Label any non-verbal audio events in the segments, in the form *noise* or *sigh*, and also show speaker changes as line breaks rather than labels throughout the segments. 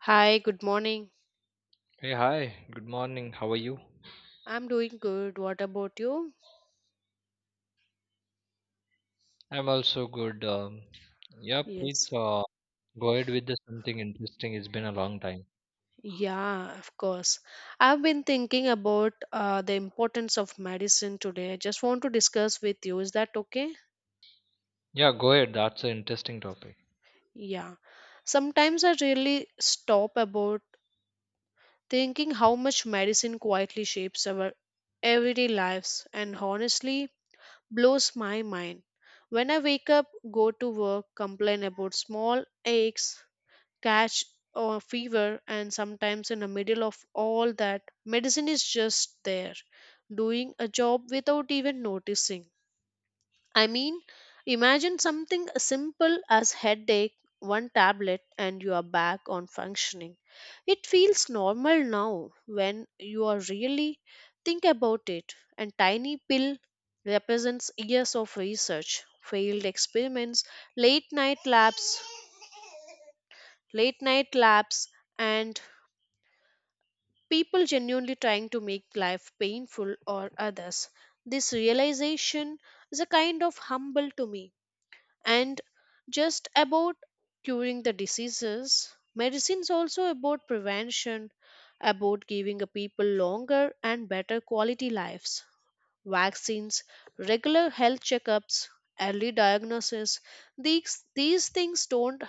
Hi, good morning.
Hey, hi, good morning. How are you?
I'm doing good. What about you?
I'm also good. Yeah,
Yes.
please go ahead with the something interesting. It's been a long time.
Yeah, of course. I've been thinking about the importance of medicine today. I just want to discuss with you. Is that okay?
Yeah, go ahead. That's an interesting topic.
Yeah. Sometimes I really stop about thinking how much medicine quietly shapes our everyday lives and honestly blows my mind. When I wake up, go to work, complain about small aches, catch a fever, and sometimes in the middle of all that medicine is just there doing a job without even noticing. I mean, imagine something as simple as headache, one tablet and you are back on functioning. It feels normal now when you are really think about it, and tiny pill represents years of research, failed experiments, late night labs late night labs, and people genuinely trying to make life painful or others. This realization is a kind of humble to me. And just about curing the diseases, medicine is also about prevention, about giving a people longer and better quality lives. Vaccines, regular health checkups, early diagnosis, these things don't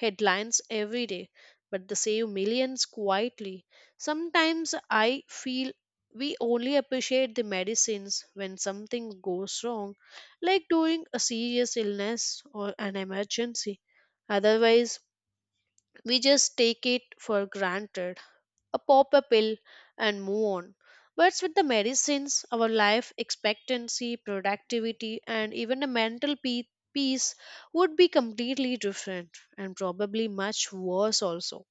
headlines every day, but they save millions quietly. Sometimes I feel we only appreciate the medicines when something goes wrong, like during a serious illness or an emergency. Otherwise, we just take it for granted, a pop a pill and move on. But with the medicines, our life expectancy, productivity, and even the peace would be completely different and probably much worse also.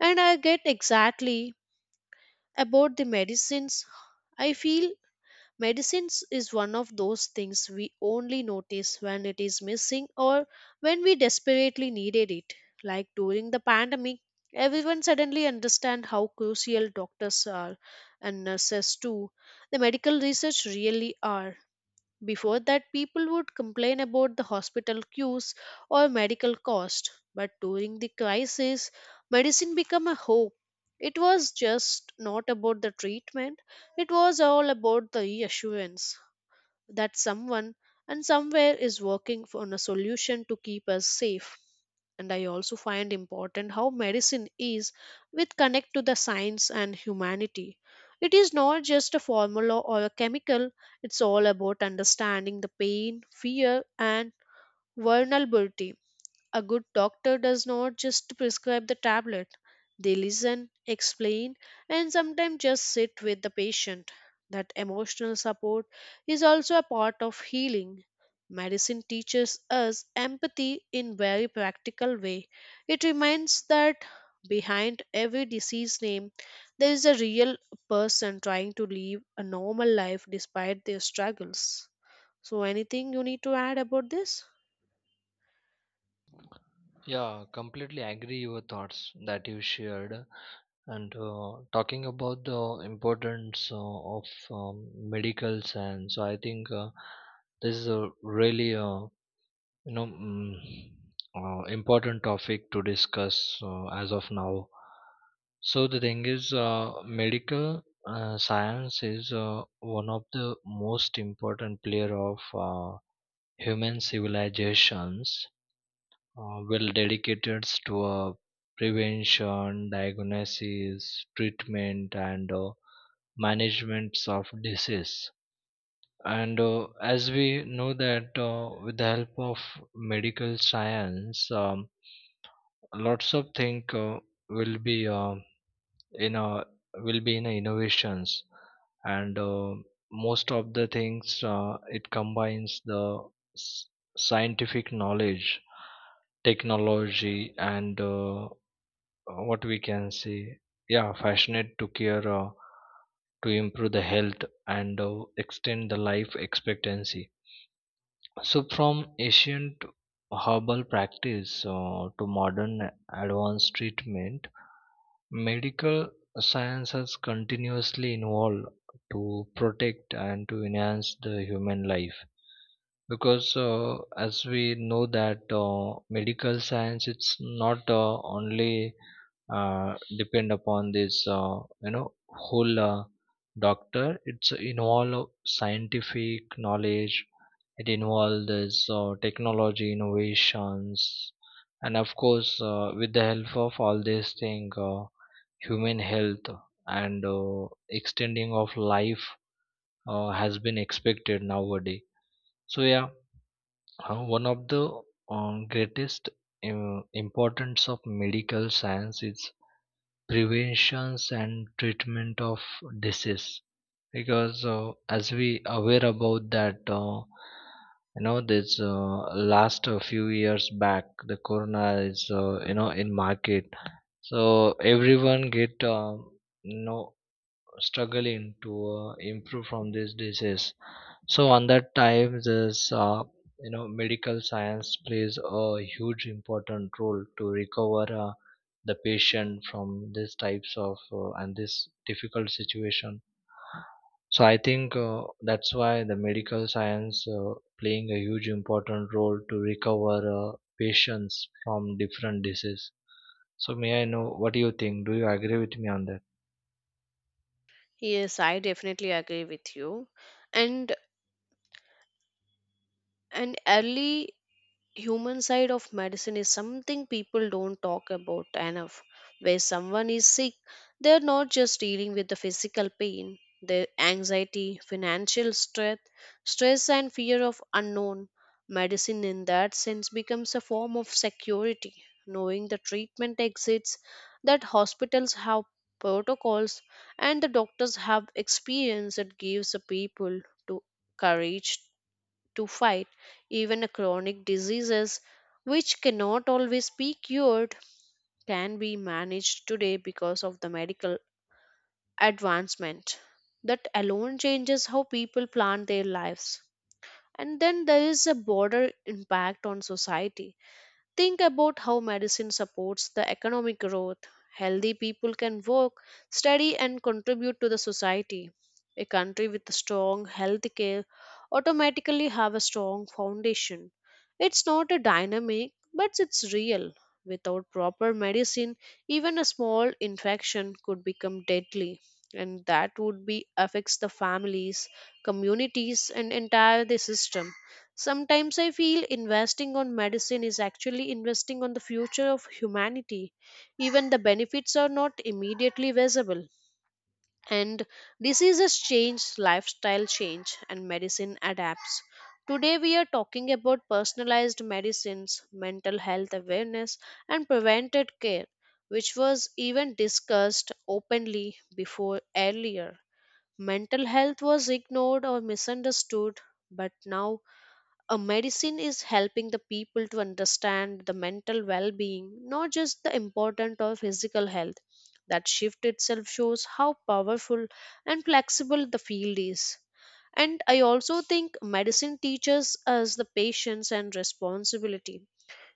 And I get exactly about the medicines. I feel medicines is one of those things we only notice when it is missing or when we desperately needed it. Like during the pandemic, everyone suddenly understand how crucial doctors are and nurses too. The medical research really are before that, people would complain about the hospital queues or medical cost. But during the crisis, medicine became a hope. It was just not about the treatment, it was all about the reassurance that someone and somewhere is on a solution to keep us safe. And I also find important how medicine is with connect to the science and humanity. It is not just a formula or a chemical, it's all about understanding the pain, fear, and vulnerability. A good doctor does not just prescribe the tablet. They listen, explain, and sometimes just sit with the patient. That emotional support is also a part of healing. Medicine teaches us empathy in very practical way. It reminds that behind every disease name there is a real person trying to live a normal life despite their struggles. So anything you need to add about this?
Yeah, completely agree your thoughts that you shared. And talking about the importance of medical science, so I think this is a really you know mm, important topic to discuss as of now. So the thing is medical science is one of the most important player of uh, human civilizations well dedicated to prevention diagnosis treatment and management of disease. And as we know that with the help of medical science, lots of things will be in a, will be in a innovations, and most of the things it combines the s- scientific knowledge, technology, and what we can say, yeah, passionate to care to improve the health and extend the life expectancy. So, from ancient herbal practice to modern advanced treatment, medical science has continuously evolved to protect and to enhance the human life. Because, as we know, that medical science it's not only depend upon this whole doctor, it's involve scientific knowledge, it involves this technology innovations, and of course with the help of all these things human health and extending of life has been expected nowadays. So yeah, one of the greatest importance of medical science is prevention and treatment of disease, because as we aware about that, this last few years back the corona is, in market, so everyone get you know struggling to improve from this disease. So on that time, this, medical science plays a huge important role to recover the patient from these types of and this difficult situation. So I think that's why the medical science playing a huge important role to recover patients from different disease. So may I know what do you think? Do you agree with me on that?
Yes, I definitely agree with you. And and early human side of medicine is something people don't talk about enough. Where someone is sick, they're not just dealing with the physical pain, the anxiety, financial stress, stress and fear of unknown. Medicine in that sense becomes a form of security, knowing the treatment exits, that hospitals have protocols and the doctors have experience that gives the people to courage to fight even a chronic diseases which cannot always be cured can be managed today because of the medical advancement. That alone changes how people plan their lives. And then there is a broader impact on society. Think about how medicine supports the economic growth. Healthy people can work, study, and contribute to the society. A country with a strong health care automatically have a strong foundation. It's not a dynamic, but it's real. Without proper medicine, even a small infection could become deadly, and that would be affects the families, communities, and entire the system. Sometimes I feel investing on medicine is actually investing on the future of humanity. Even the benefits are not immediately visible. And diseases change, lifestyle change, and medicine adapts. Today, we are talking about personalized medicines, mental health awareness, and preventive care, which was even discussed openly before. Earlier, mental health was ignored or misunderstood, but now a medicine is helping the people to understand the mental well-being, not just the importance of physical health. That shift itself shows how powerful and flexible the field is. And I also think medicine teaches us the patience and responsibility.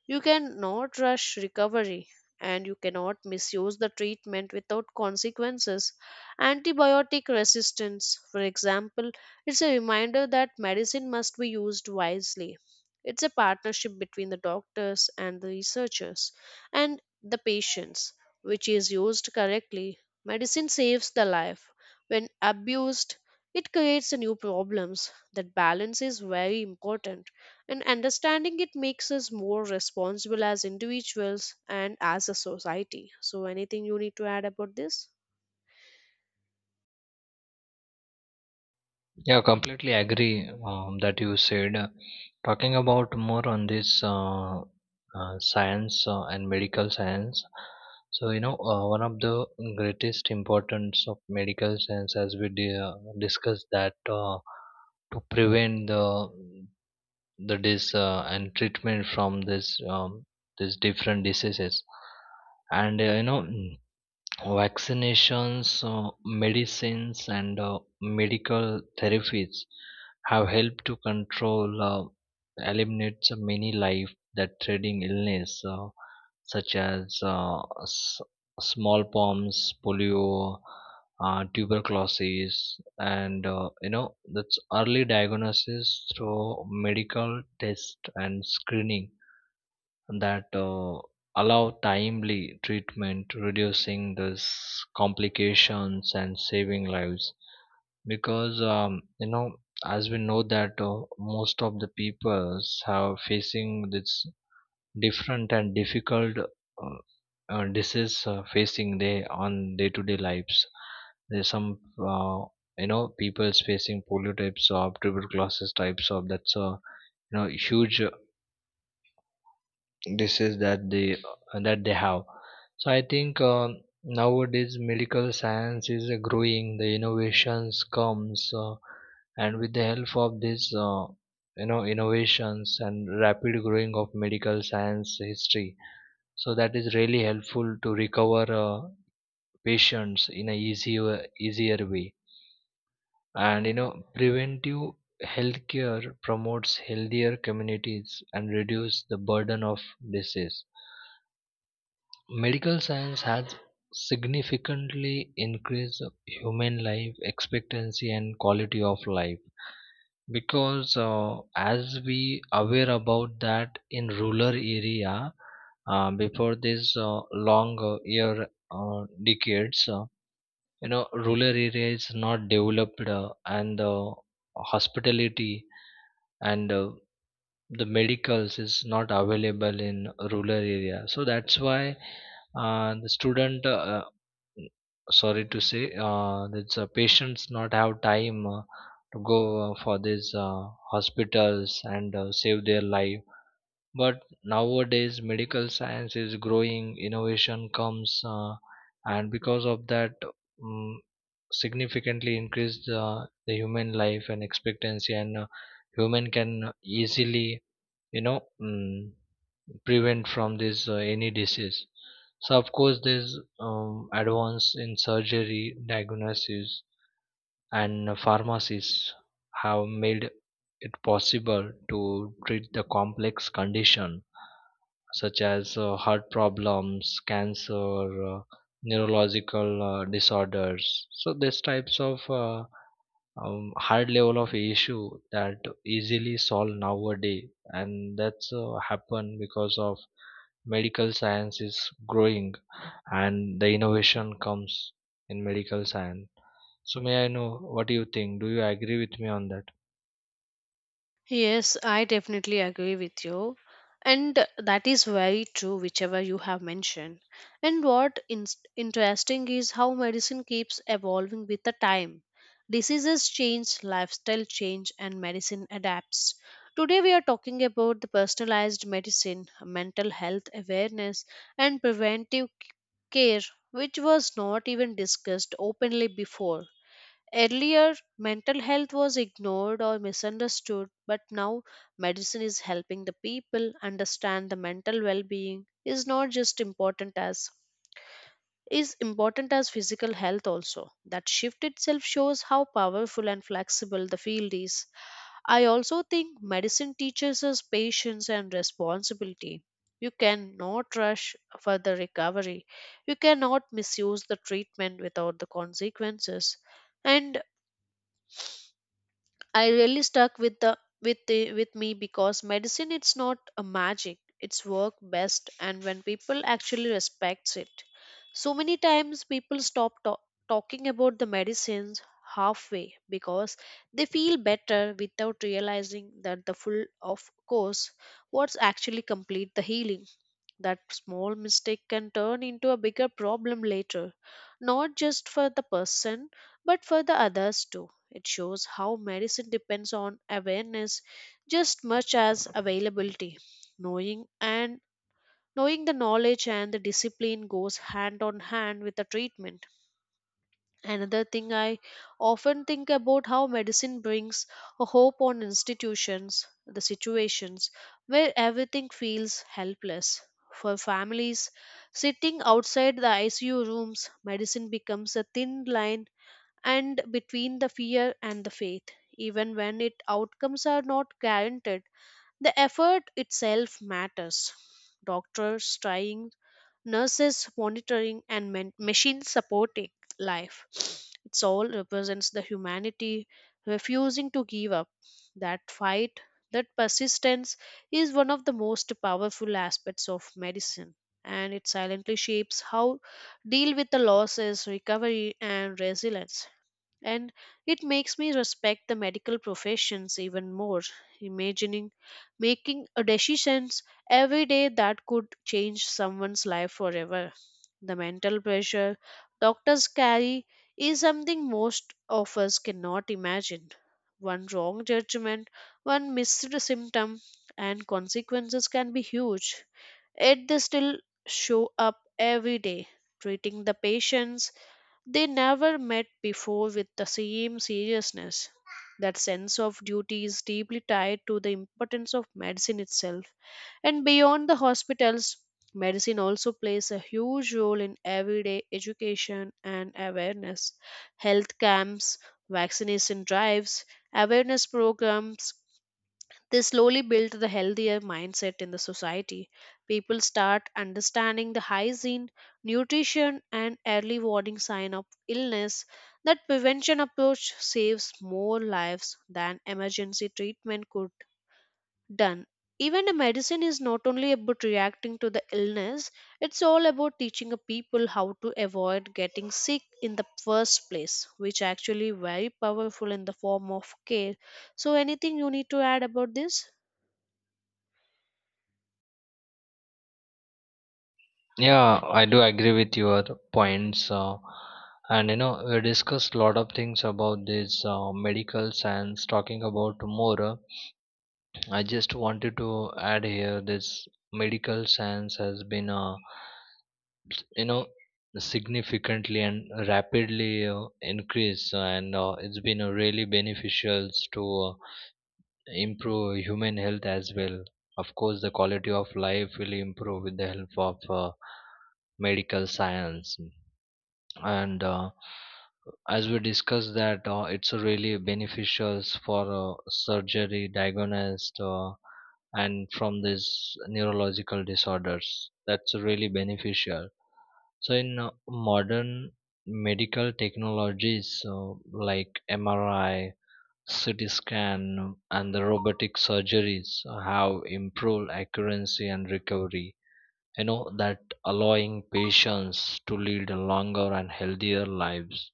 You cannot rush recovery, and you cannot misuse the treatment without consequences. Antibiotic resistance, for example, it's a reminder that medicine must be used wisely. It's a partnership between the doctors and the researchers and the patients, which is used correctly. Medicine saves the life. When abused, it creates new problems. That balance is very important. And understanding it makes us more responsible as individuals and as a society. So, anything you need to add about this?
Yeah, completely agree that you said. Talking about more on this science and medical science. So one of the greatest importance of medical science, as we discussed, that to prevent the dis and treatment from this these different diseases, and vaccinations, medicines, and medical therapies have helped to control, eliminate so many life that threatening illness, such as smallpox, polio, tuberculosis, and you know that's early diagnosis through medical test and screening that allow timely treatment, reducing this complications and saving lives. Because, as we know that most of the peoples are facing this different and difficult disease facing they on day to day lives. There's some, people's facing polio types of tuberculosis types of that's a, you know, huge disease that they have. So I think nowadays medical science is growing, the innovations comes, and with the help of this, innovations and rapid growing of medical science history, so that is really helpful to recover patients in a easier way. And you know preventive healthcare promotes healthier communities and reduce the burden of disease. Medical science has significantly increased human life expectancy and quality of life, because as we aware about that in rural area, before this long year decades, rural area is not developed, and the hospitality and the medicals is not available in rural area. So that's why the student sorry to say, that's patients not have time to go for these hospitals and save their life. But nowadays, medical science is growing, innovation comes, and because of that, um, significantly increased the, human life and expectancy, and human can easily you know mm, prevent from this any disease. So of course there's advance in surgery diagnosis and pharmacies have made it possible to treat the complex condition, such as heart problems, cancer, neurological disorders. So these types of hard level of issue that easily solved nowadays, and that's happened because of medical science is growing and the innovation comes in medical science. So may I know what do you think? Do you agree with me on that?
Yes, I definitely agree with you. And that is very true, whichever you have mentioned. And what interesting is how medicine keeps evolving with the time. Diseases change, lifestyle change, and medicine adapts. Today, we are talking about the personalized medicine, mental health awareness, and preventive care, which was not even discussed openly before. Earlier, mental health was ignored or misunderstood, but now medicine is helping the people understand the mental well-being is not just important as is important as physical health also. That shift itself shows how powerful and flexible the field is. I also think medicine teaches us patience and responsibility. You cannot rush for the recovery. You cannot misuse the treatment without the consequences. And I really stuck with the with me, because medicine it's not a magic. It's work best and when people actually respects it. So many times people talking about the medicines halfway because they feel better without realizing that the full of course what's actually complete the healing. That small mistake can turn into a bigger problem later, not just for the person but for the others too. It shows how medicine depends on awareness just much as availability. Knowing and knowing the knowledge and the discipline goes hand on hand with the treatment. Another thing I often think about how medicine brings a hope on institutions, the situations where everything feels helpless. For families sitting outside the ICU rooms, medicine becomes a thin line and between the fear and the faith. Even when it outcomes are not guaranteed, the effort itself matters. Doctors trying, nurses monitoring, and machines supporting life, *sniffs* it's all represents the humanity refusing to give up. That fight, that persistence is one of the most powerful aspects of medicine, and it silently shapes how deal with the losses, recovery, and resilience. And it makes me respect the medical professions even more, imagining making a decisions every day that could change someone's life forever. The mental pressure doctors carry is something most of us cannot imagine. One wrong judgment, one missed symptom, and consequences can be huge. Yet they still show up every day, treating the patients they never met before with the same seriousness. That sense of duty is deeply tied to the importance of medicine itself. And beyond the hospitals, medicine also plays a huge role in everyday education and awareness. Health camps, vaccination drives, awareness programs, they slowly built the healthier mindset in the society. People start understanding the hygiene, nutrition, and early warning sign of illness. That prevention approach saves more lives than emergency treatment could done. Even a medicine is not only about reacting to the illness, it's all about teaching a people how to avoid getting sick in the first place, which actually very powerful in the form of care. So anything you need to add about this?
Yeah, I do agree with your points, and you know we discussed a lot of things about this medical science. Talking about more, I just wanted to add here this medical science has been, you know significantly and rapidly increase and it's been really beneficial to improve human health as well. Of course the quality of life will improve with the help of medical science. And as we discussed that it's a really beneficial for surgery diagnosed, and from these neurological disorders, that's really beneficial. So in modern medical technologies like MRI, CT scan, and the robotic surgeries have improved accuracy and recovery. You know that allowing patients to lead a longer and healthier lives.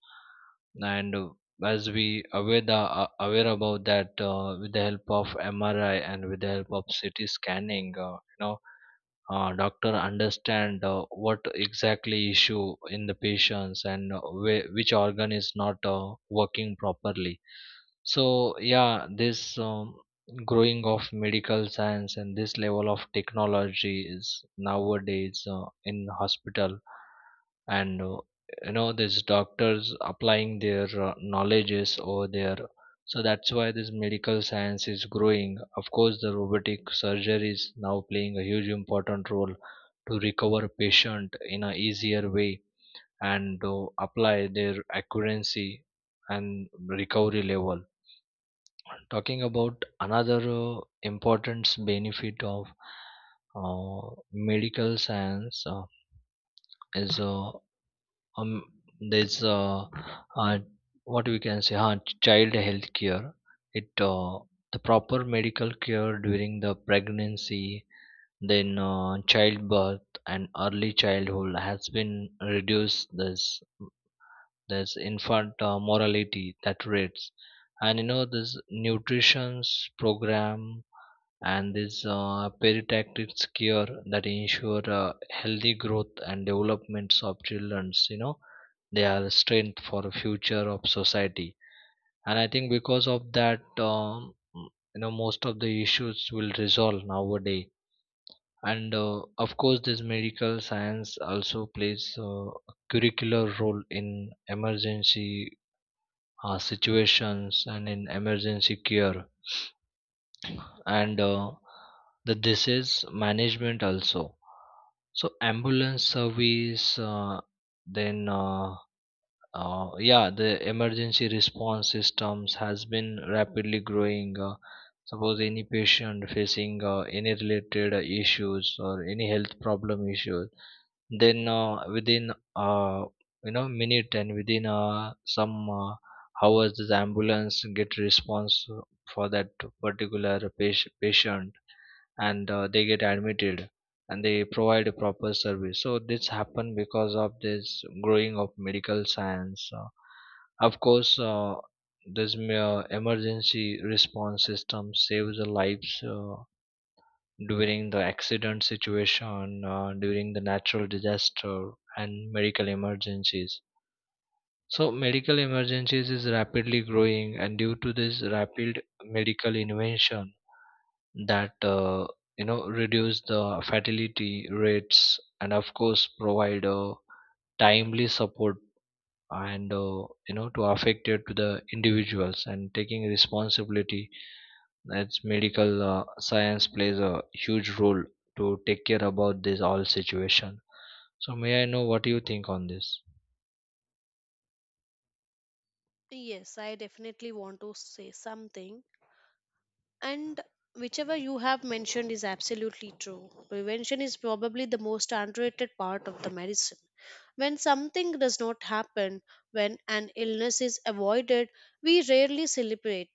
And as we aware about that, with the help of MRI and with the help of CT scanning, doctor understand what exactly issue in the patients, and which organ is not working properly. So yeah, this growing of medical science and this level of technology is nowadays in hospital, and these doctors applying their knowledges over there. So that's why this medical science is growing. Of course the robotic surgery is now playing a huge important role to recover patient in a easier way, and apply their accuracy and recovery level. Talking about another important benefit of medical science, is um there's uh what we can say, child health care. It the proper medical care during the pregnancy, then childbirth and early childhood has been reduced this infant mortality that rates. And you know this nutrition's program and this perinatal care that ensure healthy growth and developments of childrens, you know they are strength for the future of society. And I think because of that, most of the issues will resolve nowadays. And of course this medical science also plays a curricular role in emergency situations and in emergency care, and the disease management also. So ambulance service, then yeah, the emergency response systems has been rapidly growing. Suppose any patient facing any related issues or any health problem issues, then within minute and within some hours the ambulance get response for that particular patient, and they get admitted and they provide a proper service. So this happened because of this growing of medical science. Of course this emergency response system saves the lives during the accident situation, during the natural disaster and medical emergencies. So medical emergencies is rapidly growing, and due to this rapid medical invention that reduce the fatality rates, and of course provide timely support, and to affected to the individuals and taking responsibility. That's medical science plays a huge role to take care about this all situation. So may I know what you think on this?
Yes, I definitely want to say something. And whichever you have mentioned is absolutely true. Prevention is probably the most underrated part of the medicine. When something does not happen, when an illness is avoided, we rarely celebrate.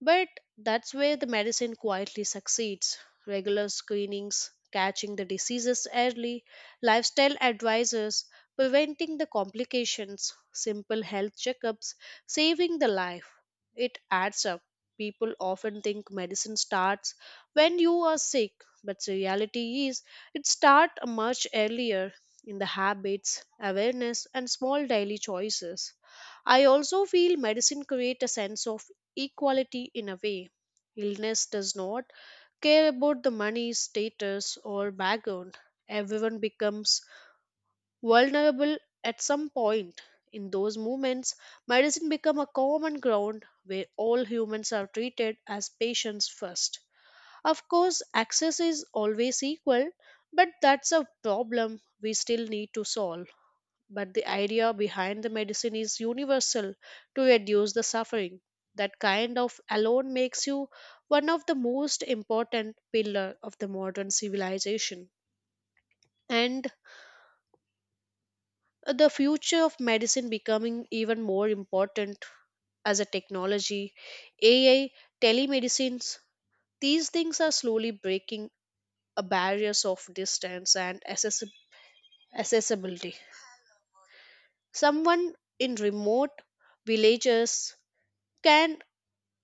But that's where the medicine quietly succeeds. Regular screenings, catching the diseases early, lifestyle advisors, preventing the complications, simple health checkups, saving the life. It adds up. People often think medicine starts when you are sick, but the reality is it starts much earlier, in the habits, awareness, and small daily choices. I also feel medicine creates a sense of equality in a way. Illness does not care about the money, status, or background. Everyone becomes vulnerable at some point. In those moments, medicine becomes a common ground where all humans are treated as patients first. Of course, access is always equal, but that's a problem we still need to solve. But the idea behind the medicine is universal, to reduce the suffering. That kind of alone makes you one of the most important pillar of the modern civilization. And the future of medicine becoming even more important as a technology, AI, telemedicines, these things are slowly breaking a barriers of distance and accessibility. Someone in remote villages can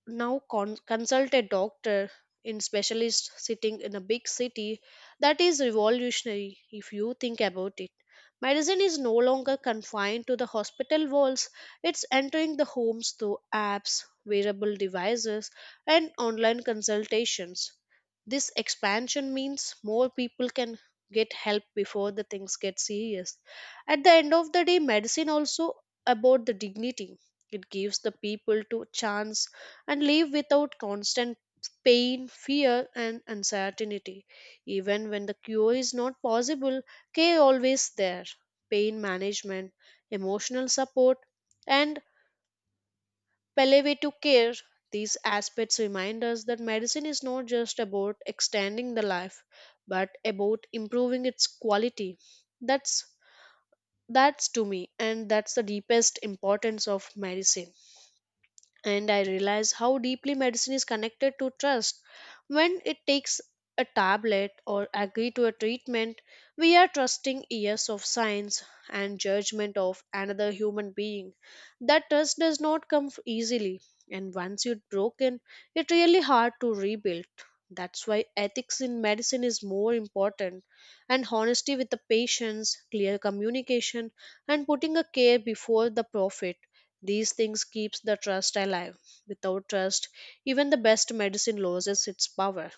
now consult a doctor, in specialist sitting in a big city. That is revolutionary if you think about it. Medicine is no longer confined to the hospital walls, it's entering the homes through apps, wearable devices, and online consultations. This expansion means more people can get help before the things get serious. At the end of the day, medicine also about the dignity. It gives the people to chance and live without constant pain, fear, and uncertainty. Even when the cure is not possible, care always there. Pain management, emotional support, and palliative care. These aspects remind us that medicine is not just about extending the life, but about improving its quality. That's that's to me, and that's the deepest importance of medicine. And I realize how deeply medicine is connected to trust. When it takes a tablet or agree to a treatment, we are trusting years of science and judgment of another human being. That trust does not come easily, and once it's broken, it's really hard to rebuild. That's why ethics in medicine is more important, and honesty with the patients, clear communication, and putting a care before the profit, these things keeps the trust alive. Without trust, even the best medicine loses its power.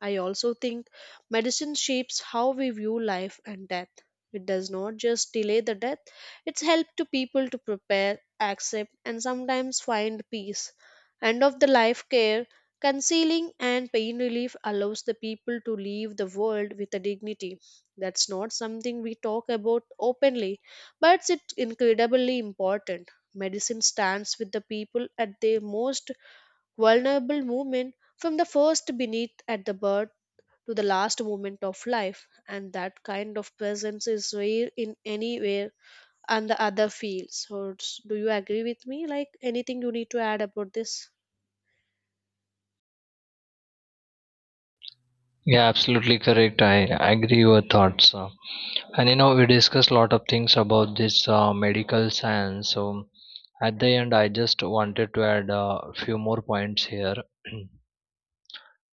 I also think medicine shapes how we view life and death. It does not just delay the death, it's help to people to prepare, accept, and sometimes find peace. End of the life care, concealing, and pain relief allows the people to leave the world with a dignity. That's not something we talk about openly, but it's incredibly important. Medicine stands with the people at their most vulnerable movement, from the first beneath at the birth to the last moment of life. And that kind of presence is rare in anywhere and the other fields. So it's- do you agree with me, like anything you need to add about this?
Yeah, absolutely correct. I agree your thoughts. And you know, we discussed a lot of things about this medical science. So, at the end, I just wanted to add a few more points here. *clears throat*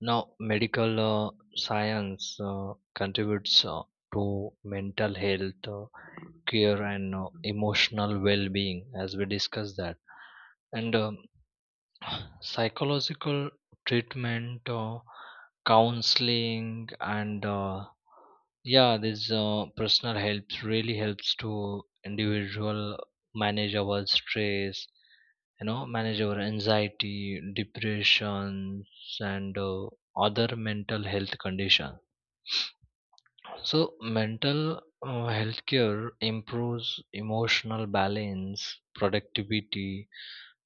Now, medical science contributes to mental health care and emotional well being, as we discussed that. And psychological treatment, counseling, and yeah, this personal helps really helps to individual manage our stress, you know, manage our anxiety, depressions, and other mental health conditions. So, mental health care improves emotional balance, productivity,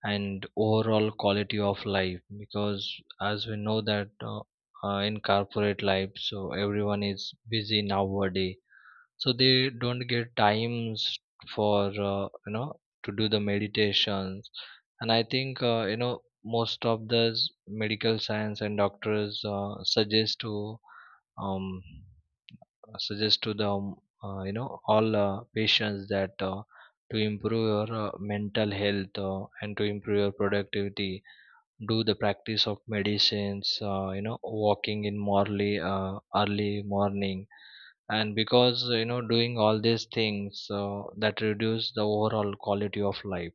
and overall quality of life, because as we know that in corporate life so everyone is busy nowadays, so they don't get times for to do the meditations. And I think most of the medical science and doctors suggest to um, suggest to the all patients that to improve your mental health and to improve your productivity, do the practice of medicines, walking in morally early morning. And because you know doing all these things that reduce the overall quality of life.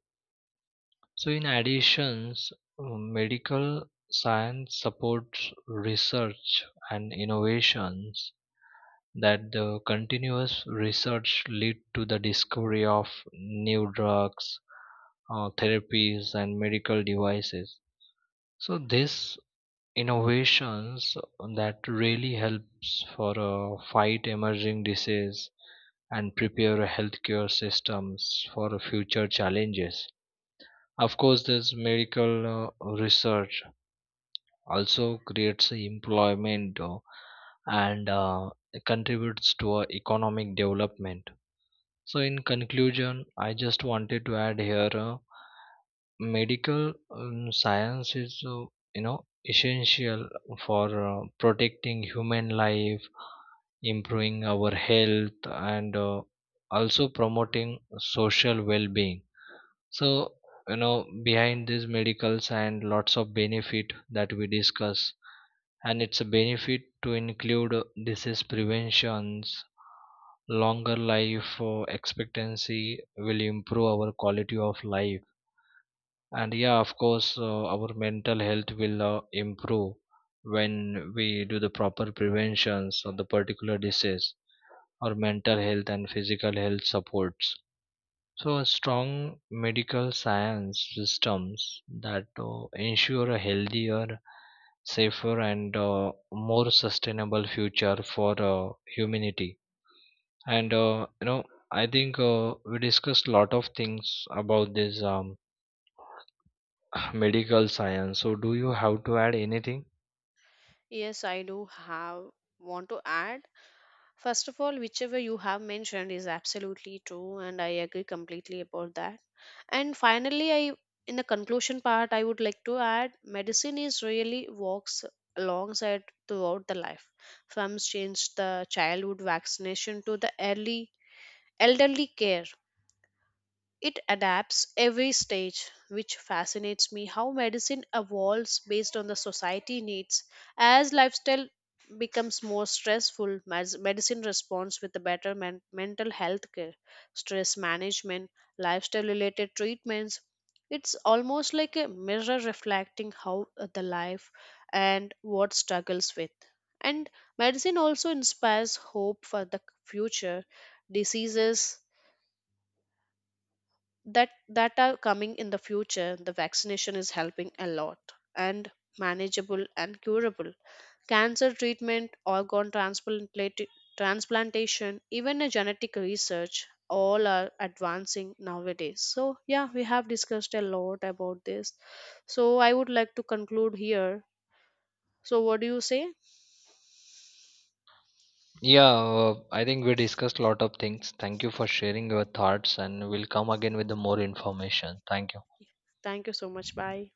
So in additions, uh, medical science supports research and innovations, that the continuous research led to the discovery of new drugs, therapies, and medical devices. So these innovations that really helps for fight emerging disease and prepare healthcare systems for future challenges. Of course, this medical research also creates employment and contributes to economic development. So, in conclusion, I just wanted to add here medical science is, essential for protecting human life, improving our health, and also promoting social well being. So, you know, behind this medical science, lots of benefit that we discuss, and it's a benefit to include disease preventions, longer life expectancy will improve our quality of life. And yeah, of course, our mental health will improve when we do the proper preventions of the particular disease or mental health and physical health supports. So, a strong medical science systems that ensure a healthier, safer, and more sustainable future for humanity. And I think we discussed a lot of things about this *sighs* medical science. So, do you have to add anything?
Yes, I do have want to add. First of all, whichever you have mentioned is absolutely true, and I agree completely about that. And finally, I in the conclusion part, I would like to add medicine is really walks alongside throughout the life. From change the childhood vaccination to the early elderly care, it adapts every stage, which fascinates me how medicine evolves based on the society needs. As lifestyle becomes more stressful, medicine responds with a better mental health care, stress management, lifestyle related treatments. It's almost like a mirror reflecting how the life and what struggles with. And medicine also inspires hope for the future. Diseases that are coming in the future, the vaccination is helping a lot and manageable and curable, cancer treatment, organ transplant transplantation, even a genetic research, all are advancing nowadays. So yeah, we have discussed a lot about this, so I would like to conclude here. So what do you say?
Yeah, I think we discussed a lot of things. Thank you for sharing your thoughts, and we'll come again with the more information. Thank you.
Thank you so much, bye.